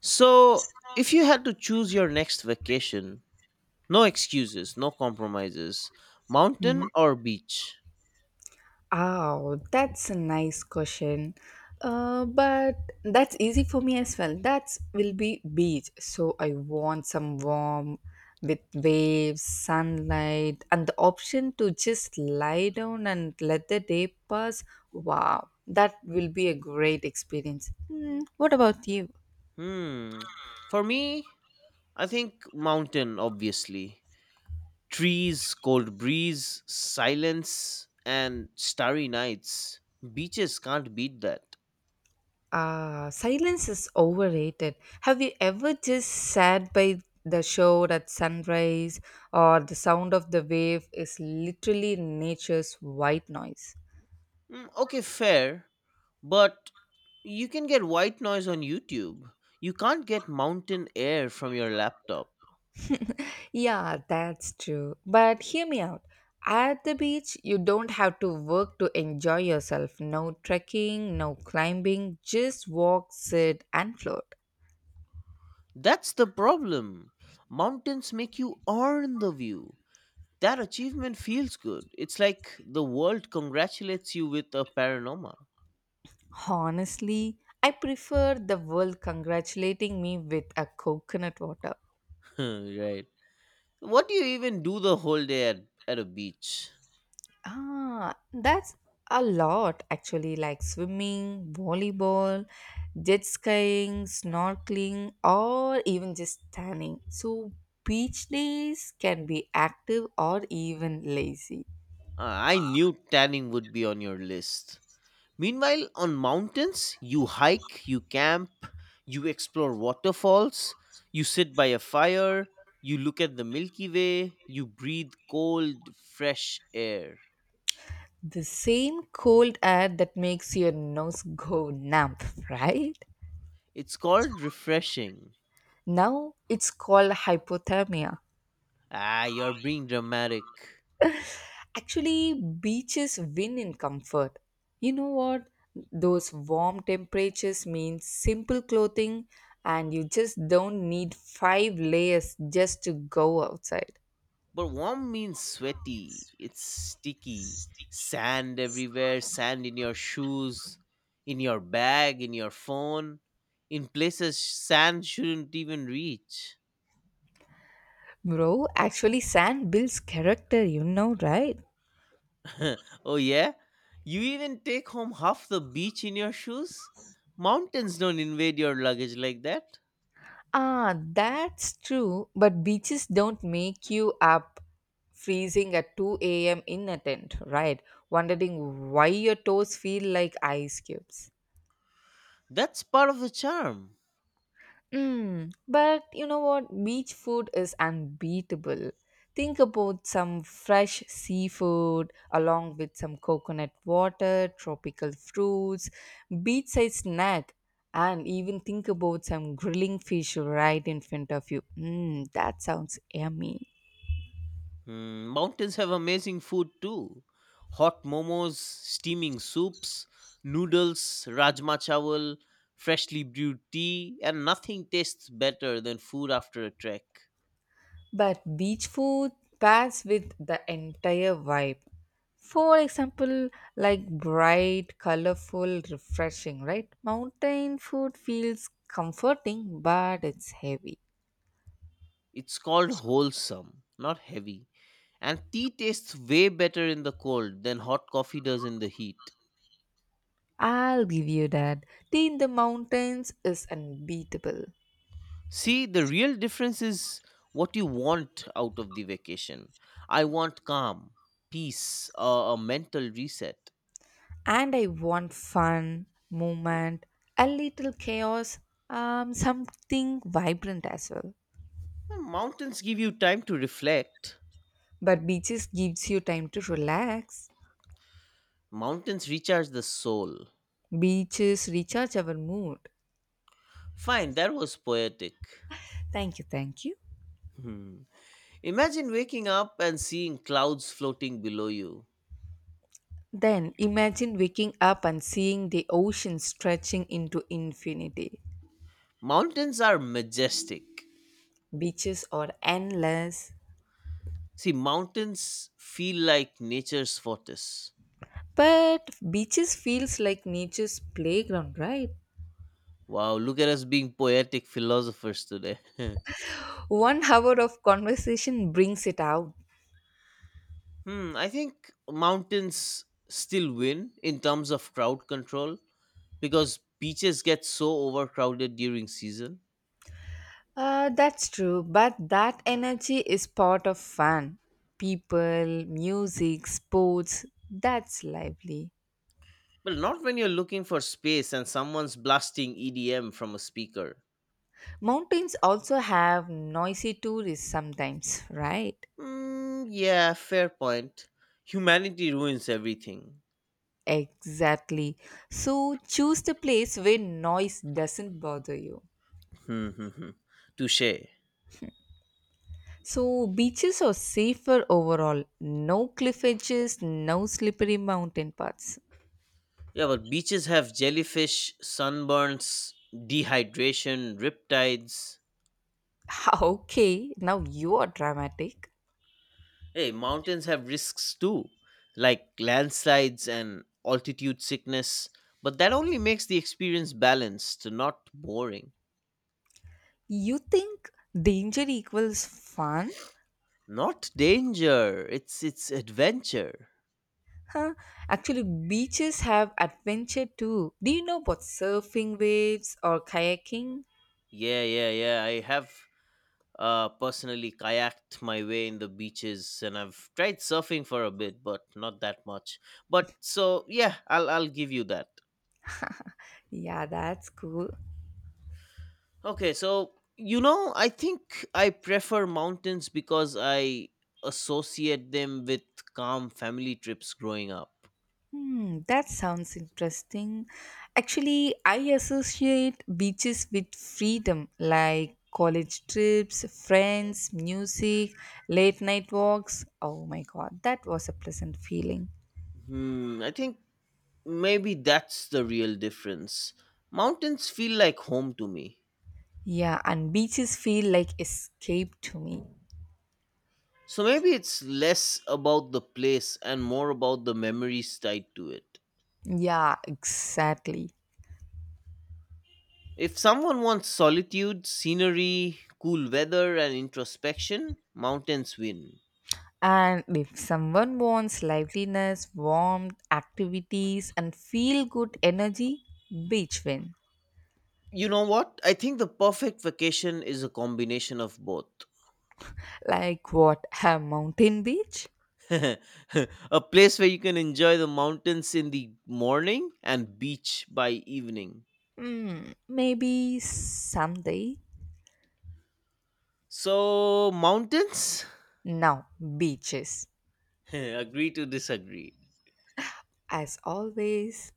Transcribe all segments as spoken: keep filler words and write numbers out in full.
So, if you had to choose your next vacation, no excuses, no compromises, mountain or beach? Oh, that's a nice question. Uh, but that's easy for me as well. That will be beach. So I want some warm with waves, sunlight, and the option to just lie down and let the day pass. Wow, that will be a great experience. Hmm, what about you? Hmm. For me, I think mountain, obviously. Trees, cold breeze, silence, and starry nights. Beaches can't beat that. Ah, silence is overrated. Have you ever just sat by the shore at sunrise or the sound of the wave is literally nature's white noise? Hmm, okay, fair. But you can get white noise on YouTube. You can't get mountain air from your laptop. Yeah, that's true. But hear me out. At the beach, you don't have to work to enjoy yourself. No trekking, no climbing, just walk, sit, and float. That's the problem. Mountains make you earn the view. That achievement feels good. It's like the world congratulates you with a panorama. Honestly, I prefer the world congratulating me with a coconut water. Right. What do you even do the whole day at, at a beach? Ah, that's a lot actually, like swimming, volleyball, jet skiing, snorkeling, or even just tanning. So, beach days can be active or even lazy. Uh, I knew tanning would be on your list. Meanwhile, on mountains, you hike, you camp, you explore waterfalls, you sit by a fire, you look at the Milky Way, you breathe cold, fresh air. The same cold air that makes your nose go numb, right? It's called refreshing. Now it's called hypothermia. Ah, you're being dramatic. Actually, beaches win in comfort. You know what? Those warm temperatures mean simple clothing, and you just don't need five layers just to go outside. But warm means sweaty, it's sticky. Sand everywhere, sand in your shoes, in your bag, in your phone, in places sand shouldn't even reach. Bro, actually, sand builds character, you know, right? Oh, yeah? You even take home half the beach in your shoes? Mountains don't invade your luggage like that. Ah, that's true, but beaches don't make you up freezing at two a m in a tent, right? Wondering why your toes feel like ice cubes. That's part of the charm. Mm, but you know what? Beach food is unbeatable. Think about some fresh seafood along with some coconut water, tropical fruits, beachside snack, and even think about some grilling fish right in front of you. Mm, that sounds yummy. Hmm, mountains have amazing food too, hot momos, steaming soups, noodles, rajma chawal, freshly brewed tea, and nothing tastes better than food after a trek. But beach food pairs with the entire vibe. For example, like bright, colorful, refreshing, right? Mountain food feels comforting, but it's heavy. It's called wholesome, not heavy. And tea tastes way better in the cold than hot coffee does in the heat. I'll give you that. Tea in the mountains is unbeatable. See, the real difference is what you want out of the vacation. I want calm, peace, uh, a mental reset. And I want fun, movement, a little chaos, um, something vibrant as well. Hmm, mountains give you time to reflect, But beaches gives you time to relax. mountains recharge the soul. Beaches recharge our mood. Fine, that was poetic. Thank you, thank you. Hmm. Imagine waking up and seeing clouds floating below you. Then imagine waking up and seeing the ocean stretching into infinity. Mountains are majestic. Beaches are endless. See, mountains feel like nature's fortress. But beaches feels like nature's playground, right? Wow, look at us being poetic philosophers today. One hour of conversation brings it out. Hmm, I think mountains still win in terms of crowd control because beaches get so overcrowded during season. Uh, that's true, but that energy is part of fun. People, music, sports, that's lively. Well, not when you're looking for space and someone's blasting E D M from a speaker. Mountains also have noisy tourists sometimes, right? Mm, yeah, fair point. Humanity ruins everything. Exactly. So choose the place where noise doesn't bother you. Hmm, hmm, hmm. Touche. So beaches are safer overall. No cliff edges, no slippery mountain paths. Yeah, but beaches have jellyfish, sunburns, dehydration, riptides. Okay, now you are dramatic. Hey, mountains have risks too, like landslides and altitude sickness, but that only makes the experience balanced, not boring. You think danger equals fun? Not danger, it's it's adventure. Huh? Actually, beaches have adventure too. Do you know about surfing waves or kayaking? Yeah, yeah, yeah. I have uh personally kayaked my way in the beaches and I've tried surfing for a bit, but not that much. But so yeah, I'll I'll give you that. Yeah, that's cool. Okay, so you know, I think I prefer mountains because I associate them with calm family trips growing up. Hmm, that sounds interesting. Actually, I associate beaches with freedom, like college trips, friends, music, late night walks. Oh my god, that was a pleasant feeling. Hmm, I think maybe that's the real difference. Mountains feel like home to me. Yeah, and beaches feel like escape to me. So maybe it's less about the place and more about the memories tied to it. Yeah, exactly. If someone wants solitude, scenery, cool weather, and introspection, mountains win. And if someone wants liveliness, warmth, activities, and feel good energy, beach win. You know what? I think the perfect vacation is a combination of both. Like what? A mountain beach? A place where you can enjoy the mountains in the morning and beach by evening. Hmm, maybe someday. So, mountains? Now, beaches. Agree to disagree. As always.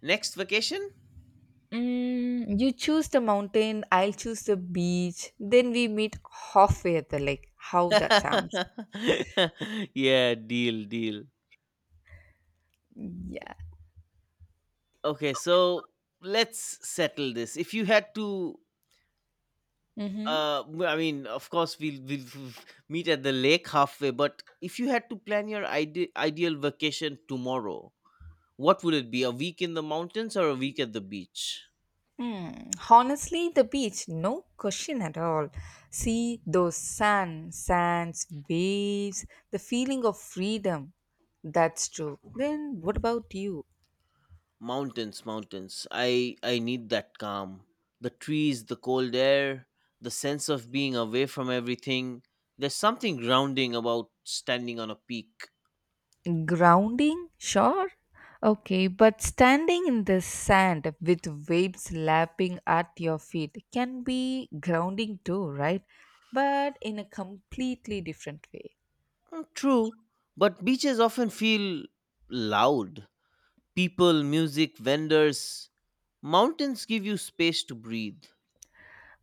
Next vacation? Mm, you choose the mountain, I'll choose the beach. Then we meet halfway at the lake. How that sounds. Yeah, deal, deal. Yeah. Okay, so let's settle this. If you had to. Mm-hmm. Uh, w- I mean, of course, we'll we'll f- meet at the lake halfway. But if you had to plan your ide- ideal vacation tomorrow, what would it be? A week in the mountains or a week at the beach? Mm. Honestly, the beach, no question at all. See those sun, sands, waves, the feeling of freedom. That's true. Then what about you? Mountains, mountains. I I need that calm. The trees, the cold air, the sense of being away from everything. There's something grounding about standing on a peak. Grounding, sure. Okay, but standing in the sand with waves lapping at your feet can be grounding too, right? But in a completely different way. Mm, true, but beaches often feel loud. People, music, vendors. Mountains give you space to breathe.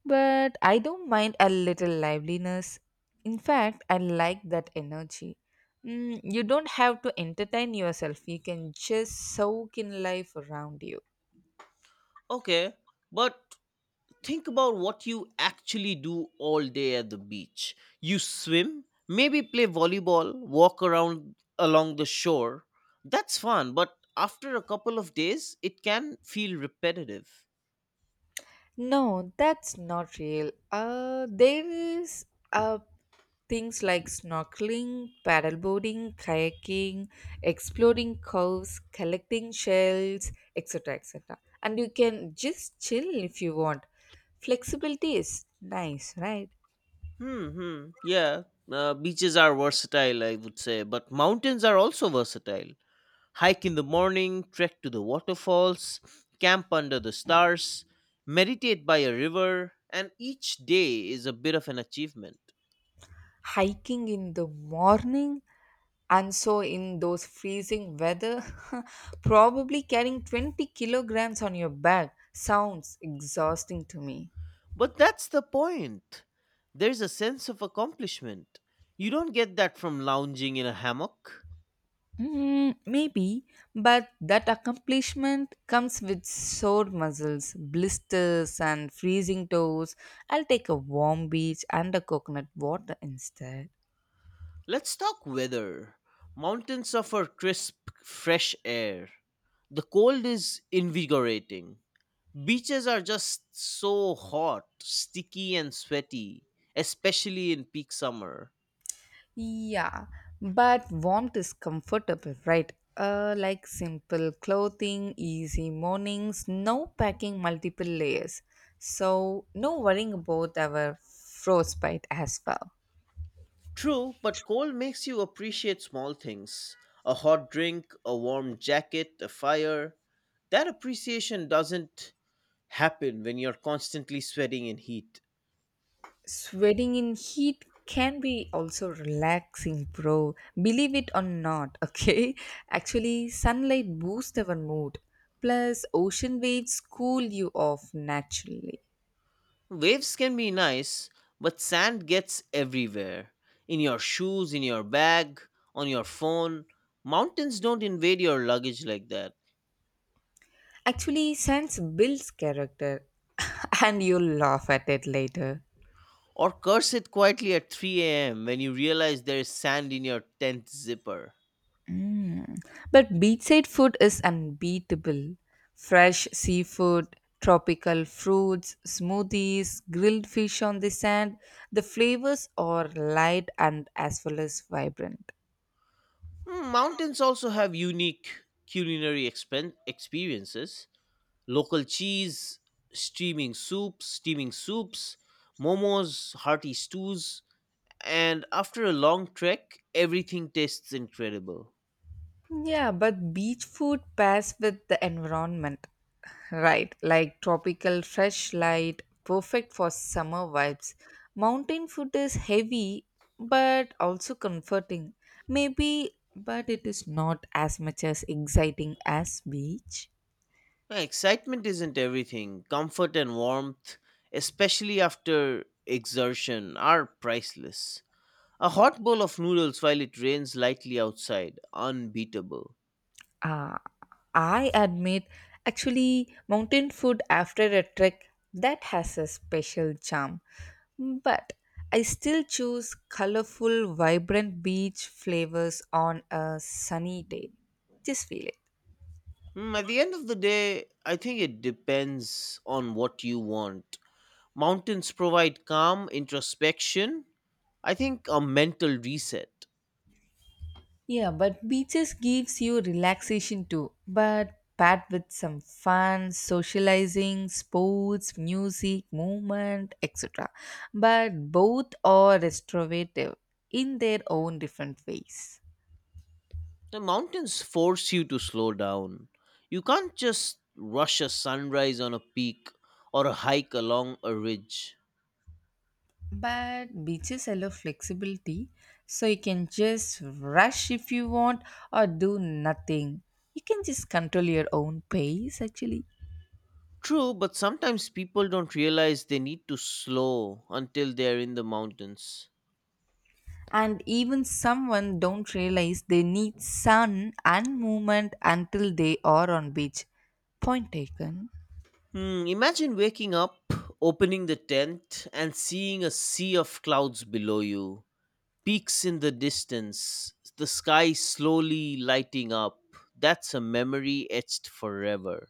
But I don't mind a little liveliness. In fact, I like that energy. Mm, you don't have to entertain yourself, you can just soak in life around you. Okay, but think about what you actually do all day at the beach. You swim, maybe play volleyball, walk around along the shore. That's fun, but after a couple of days, it can feel repetitive. No, that's not real. Uh, there is uh, things like snorkeling, paddleboarding, kayaking, exploring coves, collecting shells, et cetera et cetera. And you can just chill if you want. Flexibility is nice, right? Hmm, hmm. Yeah, uh, beaches are versatile, I would say, but mountains are also versatile. Hike in the morning, trek to the waterfalls, camp under the stars, meditate by a river, and each day is a bit of an achievement. Hiking in the morning and so in those freezing weather probably carrying twenty kilograms on your back sounds exhausting to me. But that's the point. There's a sense of accomplishment. You don't get that from lounging in a hammock. Mm, maybe, but that accomplishment comes with sore muscles, blisters, and freezing toes. I'll take a warm beach and a coconut water instead. Let's talk weather. Mountains offer crisp, fresh air. The cold is invigorating. Beaches are just so hot, sticky, and sweaty, especially in peak summer. Yeah, but warmth is comfortable, right? Uh, like simple clothing, easy mornings, no packing multiple layers. So, no worrying about our frostbite as well. True, but cold makes you appreciate small things, a hot drink, a warm jacket, a fire. That appreciation doesn't happen when you're constantly sweating in heat. Sweating in heat can be also relaxing, bro. Believe it or not, okay? Actually, sunlight boosts our mood. Plus, ocean waves cool you off naturally. Waves can be nice, but sand gets everywhere, in your shoes, in your bag, on your phone. Mountains don't invade your luggage like that. Actually, sense builds character, and you'll laugh at it later. Or curse it quietly at three a m when you realize there is sand in your tenth zipper. Mm. But beachside food is unbeatable. Fresh seafood, tropical fruits, smoothies, grilled fish on the sand. The flavors are light and as well as vibrant. Mm, mountains also have unique culinary expen- experiences. Local cheese, steaming soups, steaming soups, momos, hearty stews, and after a long trek, everything tastes incredible. Yeah, but beach food pairs with the environment, right? Like tropical fresh light, perfect for summer vibes. Mountain food is heavy but also comforting. Maybe, but it is not as much as exciting as beach. Uh, Excitement isn't everything. Comfort and warmth, especially after exertion, are priceless. A hot bowl of noodles while it rains lightly outside, unbeatable. Uh, I admit, actually, mountain food after a trek that has a special charm. But I still choose colorful, vibrant beach flavors on a sunny day. Just feel it. Hmm, at the end of the day, I think it depends on what you want. Mountains provide calm, introspection, I think a mental reset. Yeah, but beaches gives you relaxation too, but paired with some fun, socializing, sports, music, movement, et cetera. But both are restorative in their own different ways. The mountains force you to slow down. You can't just rush a sunrise on a peak or a hike along a ridge. But beaches allow flexibility, so you can just rush if you want or do nothing. You can just control your own pace actually. True, but sometimes people don't realize they need to slow until they're in the mountains. And even someone don't realize they need sun and movement until they are on beach. Point taken. Hmm, imagine waking up, opening the tent, and seeing a sea of clouds below you, peaks in the distance, the sky slowly lighting up. That's a memory etched forever.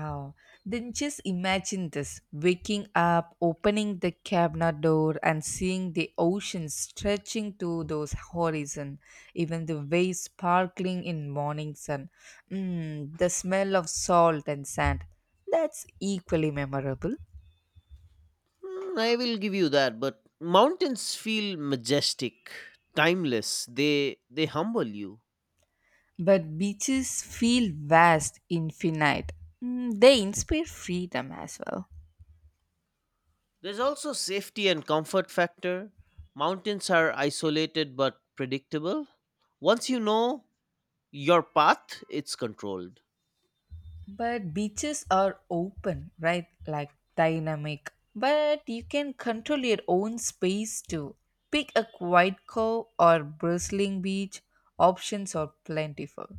Oh, then just imagine this. Waking up, opening the cabinet door, and seeing the ocean stretching to those horizon. Even the waves sparkling in morning sun. Mm, the smell of salt and sand. That's equally memorable. Hmm, I will give you that, but mountains feel majestic, timeless. They they humble you. But beaches feel vast, infinite. Mm, They inspire freedom as well. There's also safety and comfort factor. Mountains are isolated but predictable. Once you know your path, it's controlled. But beaches are open, right? Like dynamic. But you can control your own space too. Pick a quiet cove or bristling beach. Options are plentiful.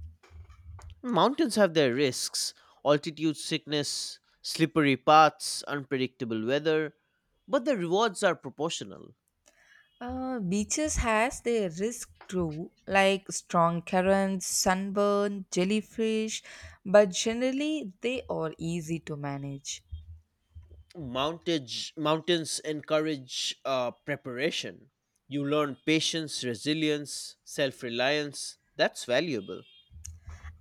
Mountains have their risks, altitude sickness, slippery paths, unpredictable weather, but the rewards are proportional. Uh, beaches has their risk too, like strong currents, sunburn, jellyfish, but generally they are easy to manage. Mountage, mountains encourage uh, preparation. You learn patience, resilience, self reliance. That's valuable.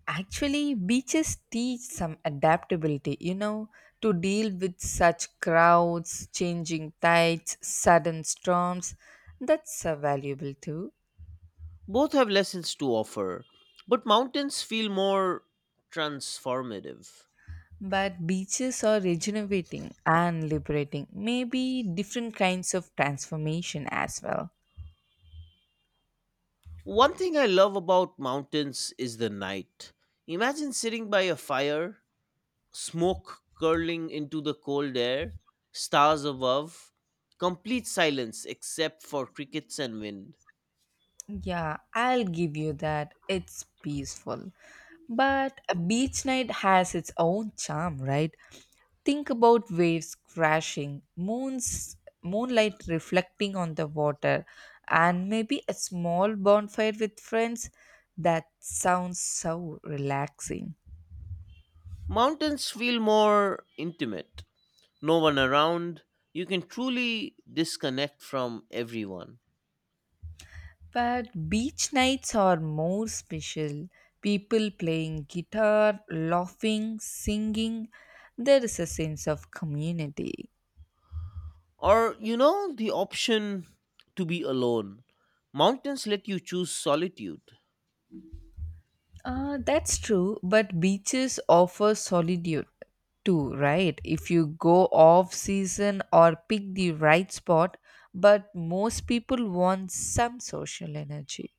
Actually, beaches teach some adaptability, you know, to deal with such crowds, changing tides, sudden storms. That's uh, valuable too. Both have lessons to offer, but mountains feel more transformative. But beaches are regenerating and liberating, maybe different kinds of transformation as well. One thing I love about mountains is the night. Imagine sitting by a fire, smoke curling into the cold air, stars above, complete silence except for crickets and wind. Yeah, I'll give you that. It's peaceful. But a beach night has its own charm, right? Think about waves crashing, moons moonlight reflecting on the water, and maybe a small bonfire with friends. That sounds so relaxing. Mountains feel more intimate, no one around. You can truly disconnect from everyone. But beach nights are more special. People playing guitar, laughing, singing. There is a sense of community. Or, you know, the option to be alone. Mountains let you choose solitude. Uh, that's true, but beaches offer solitude too, right? If you go off season or pick the right spot, but most people want some social energy.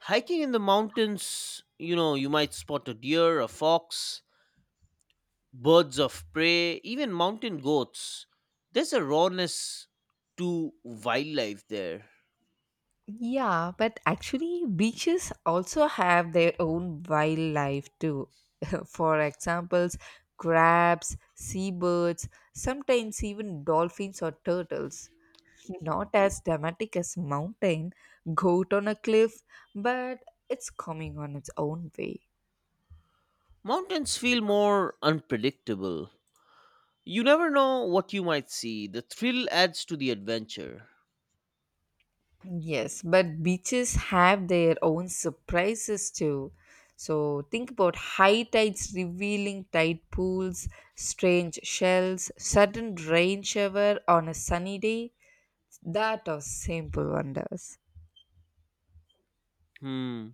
Hiking in the mountains, you know, you might spot a deer, a fox, birds of prey, even mountain goats. There's a rawness to wildlife there. Yeah, but actually, beaches also have their own wildlife too. For examples, crabs, seabirds, sometimes even dolphins or turtles. Not as dramatic as mountain goat on a cliff, but it's coming on its own way. Mountains feel more unpredictable. You never know what you might see. The thrill adds to the adventure. Yes, but beaches have their own surprises too. So think about high tides revealing tide pools, strange shells, sudden rain shower on a sunny day. That are simple wonders. Hmm.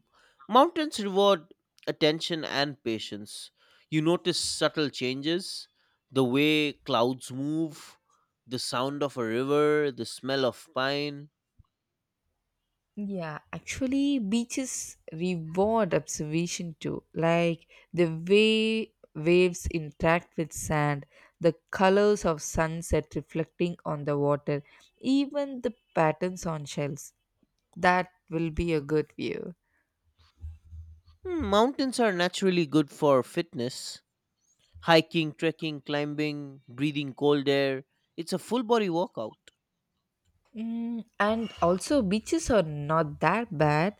Mountains reward attention and patience. You notice subtle changes, the way clouds move, the sound of a river, the smell of pine. Yeah, actually, beaches reward observation too, like the way waves interact with sand, the colors of sunset reflecting on the water, even the patterns on shells. That will be a good view. Hmm, mountains are naturally good for fitness. Hiking, trekking, climbing, breathing cold air. It's a full body workout. Mm, and also, beaches are not that bad.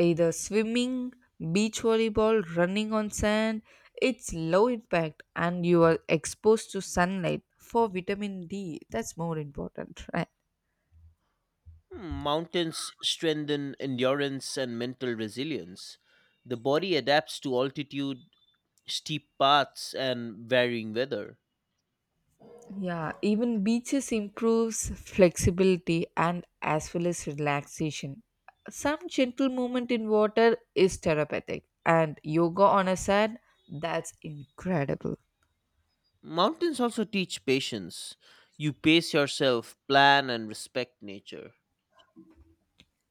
Either swimming, beach volleyball, running on sand, it's low impact and you are exposed to sunlight for vitamin D. That's more important, right? Hmm, mountains strengthen endurance and mental resilience. The body adapts to altitude, steep paths, and varying weather. Yeah, even beaches improves flexibility and as well as relaxation. Some gentle movement in water is therapeutic, and yoga on a sand, that's incredible. Mountains also teach patience. You pace yourself, plan, and respect nature.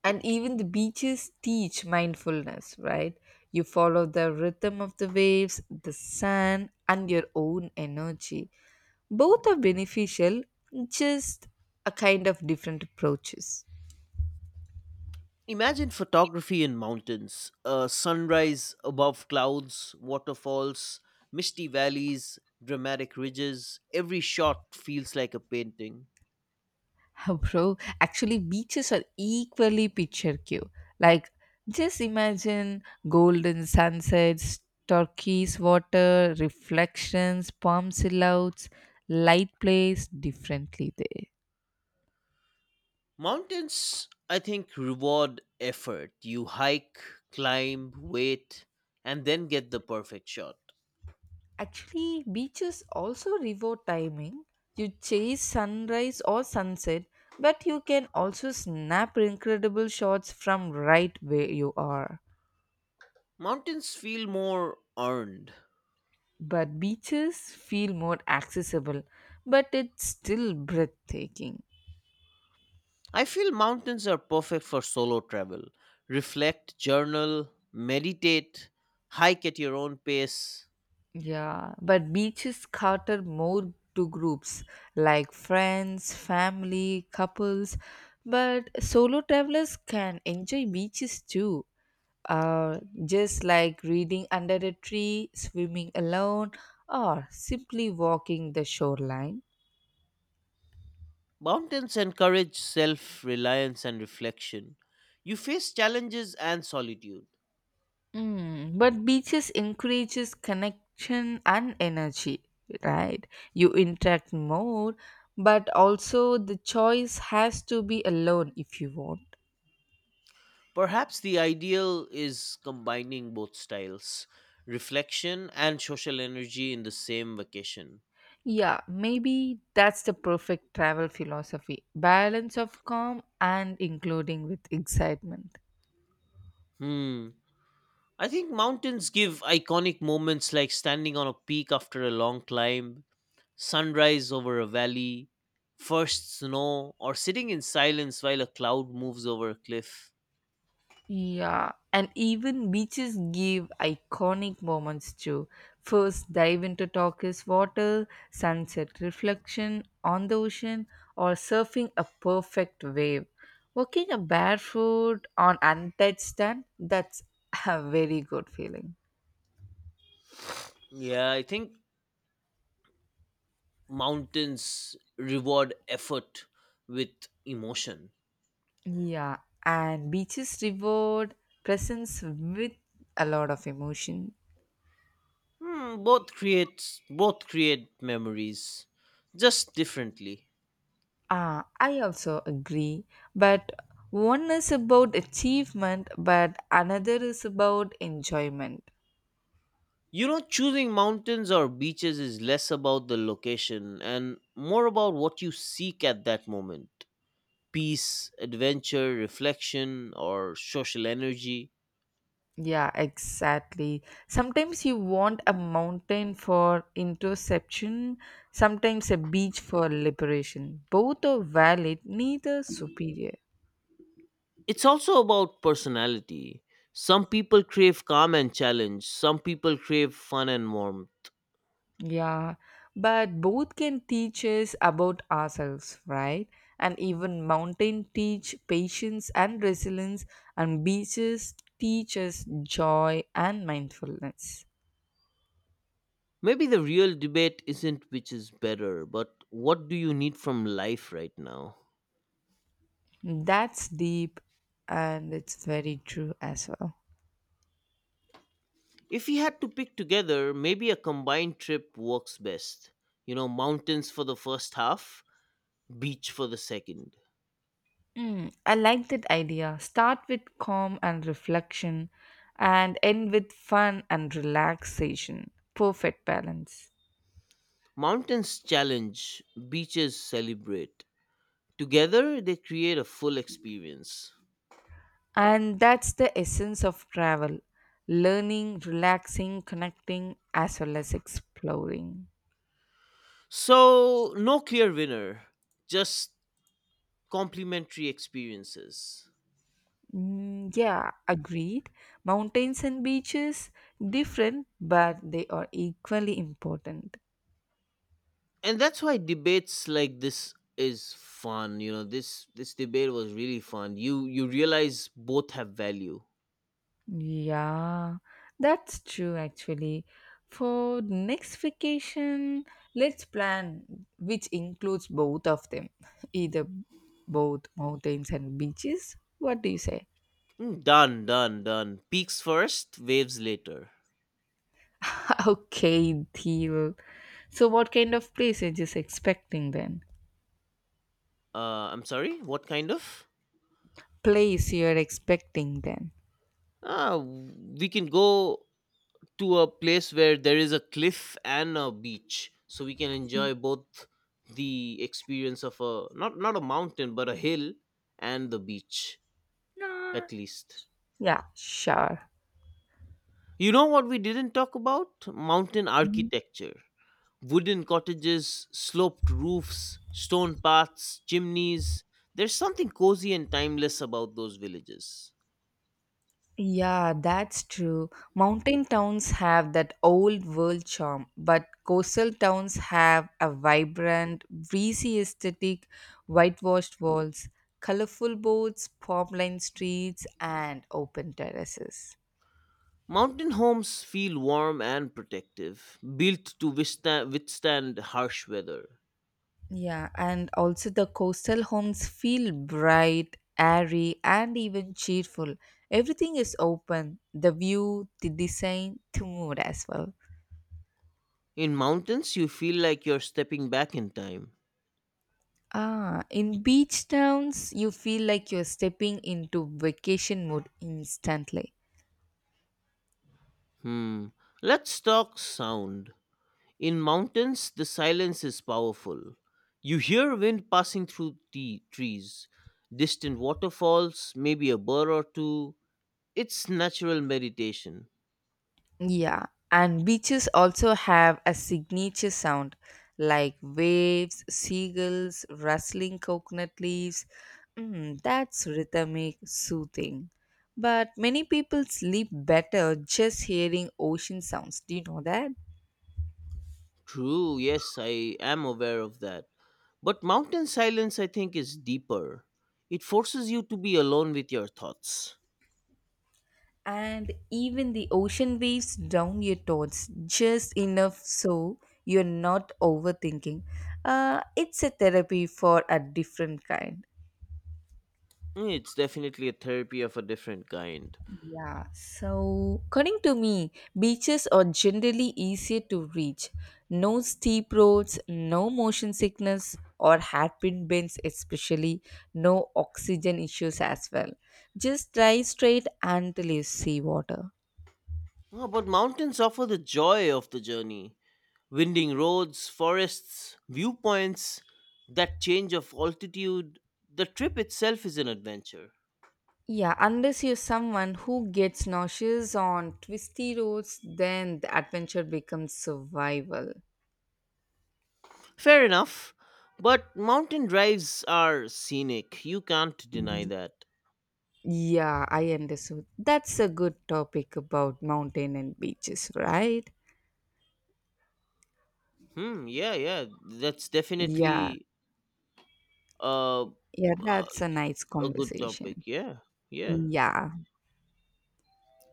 And even the beaches teach mindfulness, right? You follow the rhythm of the waves, the sand, and your own energy. Both are beneficial, just a kind of different approaches. Imagine photography in mountains, a sunrise above clouds, waterfalls, misty valleys, dramatic ridges. Every shot feels like a painting. Oh, bro, actually, beaches are equally picture cue. Like, just imagine golden sunsets, turquoise water, reflections, palm silhouettes, light plays differently there. Mountains, I think, reward effort. You hike, climb, wait, and then get the perfect shot. Actually, beaches also reward timing. You chase sunrise or sunset, but you can also snap incredible shots from right where you are. Mountains feel more earned. But beaches feel more accessible, but it's still breathtaking. I feel mountains are perfect for solo travel. Reflect, journal, meditate, hike at your own pace. Yeah, but beaches cater more to groups like friends, family, couples, but solo travelers can enjoy beaches too, uh, just like reading under a tree, swimming alone, or simply walking the shoreline. Mountains encourage self reliance and reflection. You face challenges and solitude. Mm, but beaches encourages connection and energy, right? You interact more, but also the choice has to be alone if you want. Perhaps the ideal is combining both styles, reflection and social energy in the same vacation. Yeah, maybe that's the perfect travel philosophy balance of calm and including with excitement. Hmm. I think mountains give iconic moments, like standing on a peak after a long climb, sunrise over a valley, first snow, or sitting in silence while a cloud moves over a cliff. Yeah, and even beaches give iconic moments too. First, dive into turquoise water, sunset reflection on the ocean, or surfing a perfect wave. Walking a barefoot on untouched sand, that's a very good feeling. Yeah, I think mountains reward effort with emotion. Yeah, and beaches reward presence with a lot of emotion. Hmm, both creates both create memories, just differently. Ah, I also agree. But one is about achievement, but another is about enjoyment. You know, choosing mountains or beaches is less about the location and more about what you seek at that moment, peace, adventure, reflection, or social energy. Yeah, exactly. Sometimes you want a mountain for interception, sometimes a beach for liberation. Both are valid, neither superior. It's also about personality. Some people crave calm and challenge, some people crave fun and warmth. Yeah, but both can teach us about ourselves, right? And even mountain teach patience and resilience, and beaches teach us joy and mindfulness. Maybe the real debate isn't which is better, but what do you need from life right now? That's deep and it's very true as well. If we had to pick together, maybe a combined trip works best. You know, mountains for the first half, beach for the second. Mm, I like that idea. Start with calm and reflection and end with fun and relaxation. Perfect balance. Mountains challenge, beaches celebrate. Together, they create a full experience. And that's the essence of travel learning, relaxing, connecting, as well as exploring. So, no clear winner, just complementary experiences. Mm, yeah, agreed. Mountains and beaches, different, but they are equally important. And that's why debates like this is fun, you know, this this debate was really fun, you you realize both have value. Yeah, that's true actually. For next vacation, let's plan which includes both of them, either both mountains and beaches. What do you say? Mm, done, done, done, peaks first, waves later. Okay, deal. So, what kind of place are you just expecting then? uh I'm sorry, what kind of. Place you're expecting then? Ah, we can go to a place where there is a cliff and a beach so we can enjoy both, the experience of a not not a mountain but a hill, and the beach Nah. at least. Yeah, sure. You know what we didn't talk about? Mountain Mm. architecture. Wooden cottages, sloped roofs, stone paths, chimneys. There's something cozy and timeless about those villages. Yeah, that's true. Mountain towns have that old world charm, but coastal towns have a vibrant, breezy aesthetic, whitewashed walls, colorful boats, palm lined streets, and open terraces. Mountain homes feel warm and protective, built to withstand, withstand harsh weather. Yeah, and also the coastal homes feel bright, airy, and even cheerful. Everything is open the view, the design, the mood as well. In mountains, you feel like you're stepping back in time. Ah, in beach towns, you feel like you're stepping into vacation mode instantly. Hmm. Let's talk sound. In mountains, the silence is powerful. You hear wind passing through the trees, distant waterfalls, maybe a bird or two. It's natural meditation. Yeah, and beaches also have a signature sound like waves, seagulls, rustling coconut leaves. Mm, that's rhythmic, soothing. But many people sleep better just hearing ocean sounds. Do you know that? True, yes, I am aware of that. But mountain silence, I think, is deeper. It forces you to be alone with your thoughts. And even the ocean waves drown your thoughts just enough so you're not overthinking. Uh, it's a therapy for a different kind. Mm, it's definitely a therapy of a different kind. Yeah, so according to me, beaches are generally easier to reach. No steep roads, no motion sickness or hairpin bends, especially no oxygen issues as well. Just drive straight until you see water. Ah, but mountains offer the joy of the journey. Winding roads, forests, viewpoints, that change of altitude, the trip itself is an adventure. Yeah, unless you're someone who gets nauseous on twisty roads, then the adventure becomes survival. Fair enough, but mountain drives are scenic. You can't deny that. Yeah, I understood. That's a good topic about mountain and beaches, right? Hmm, yeah, yeah, that's Yeah, definitely uh, yeah, uh, that's a nice a good topic. conversation. Yeah, yeah. Yeah,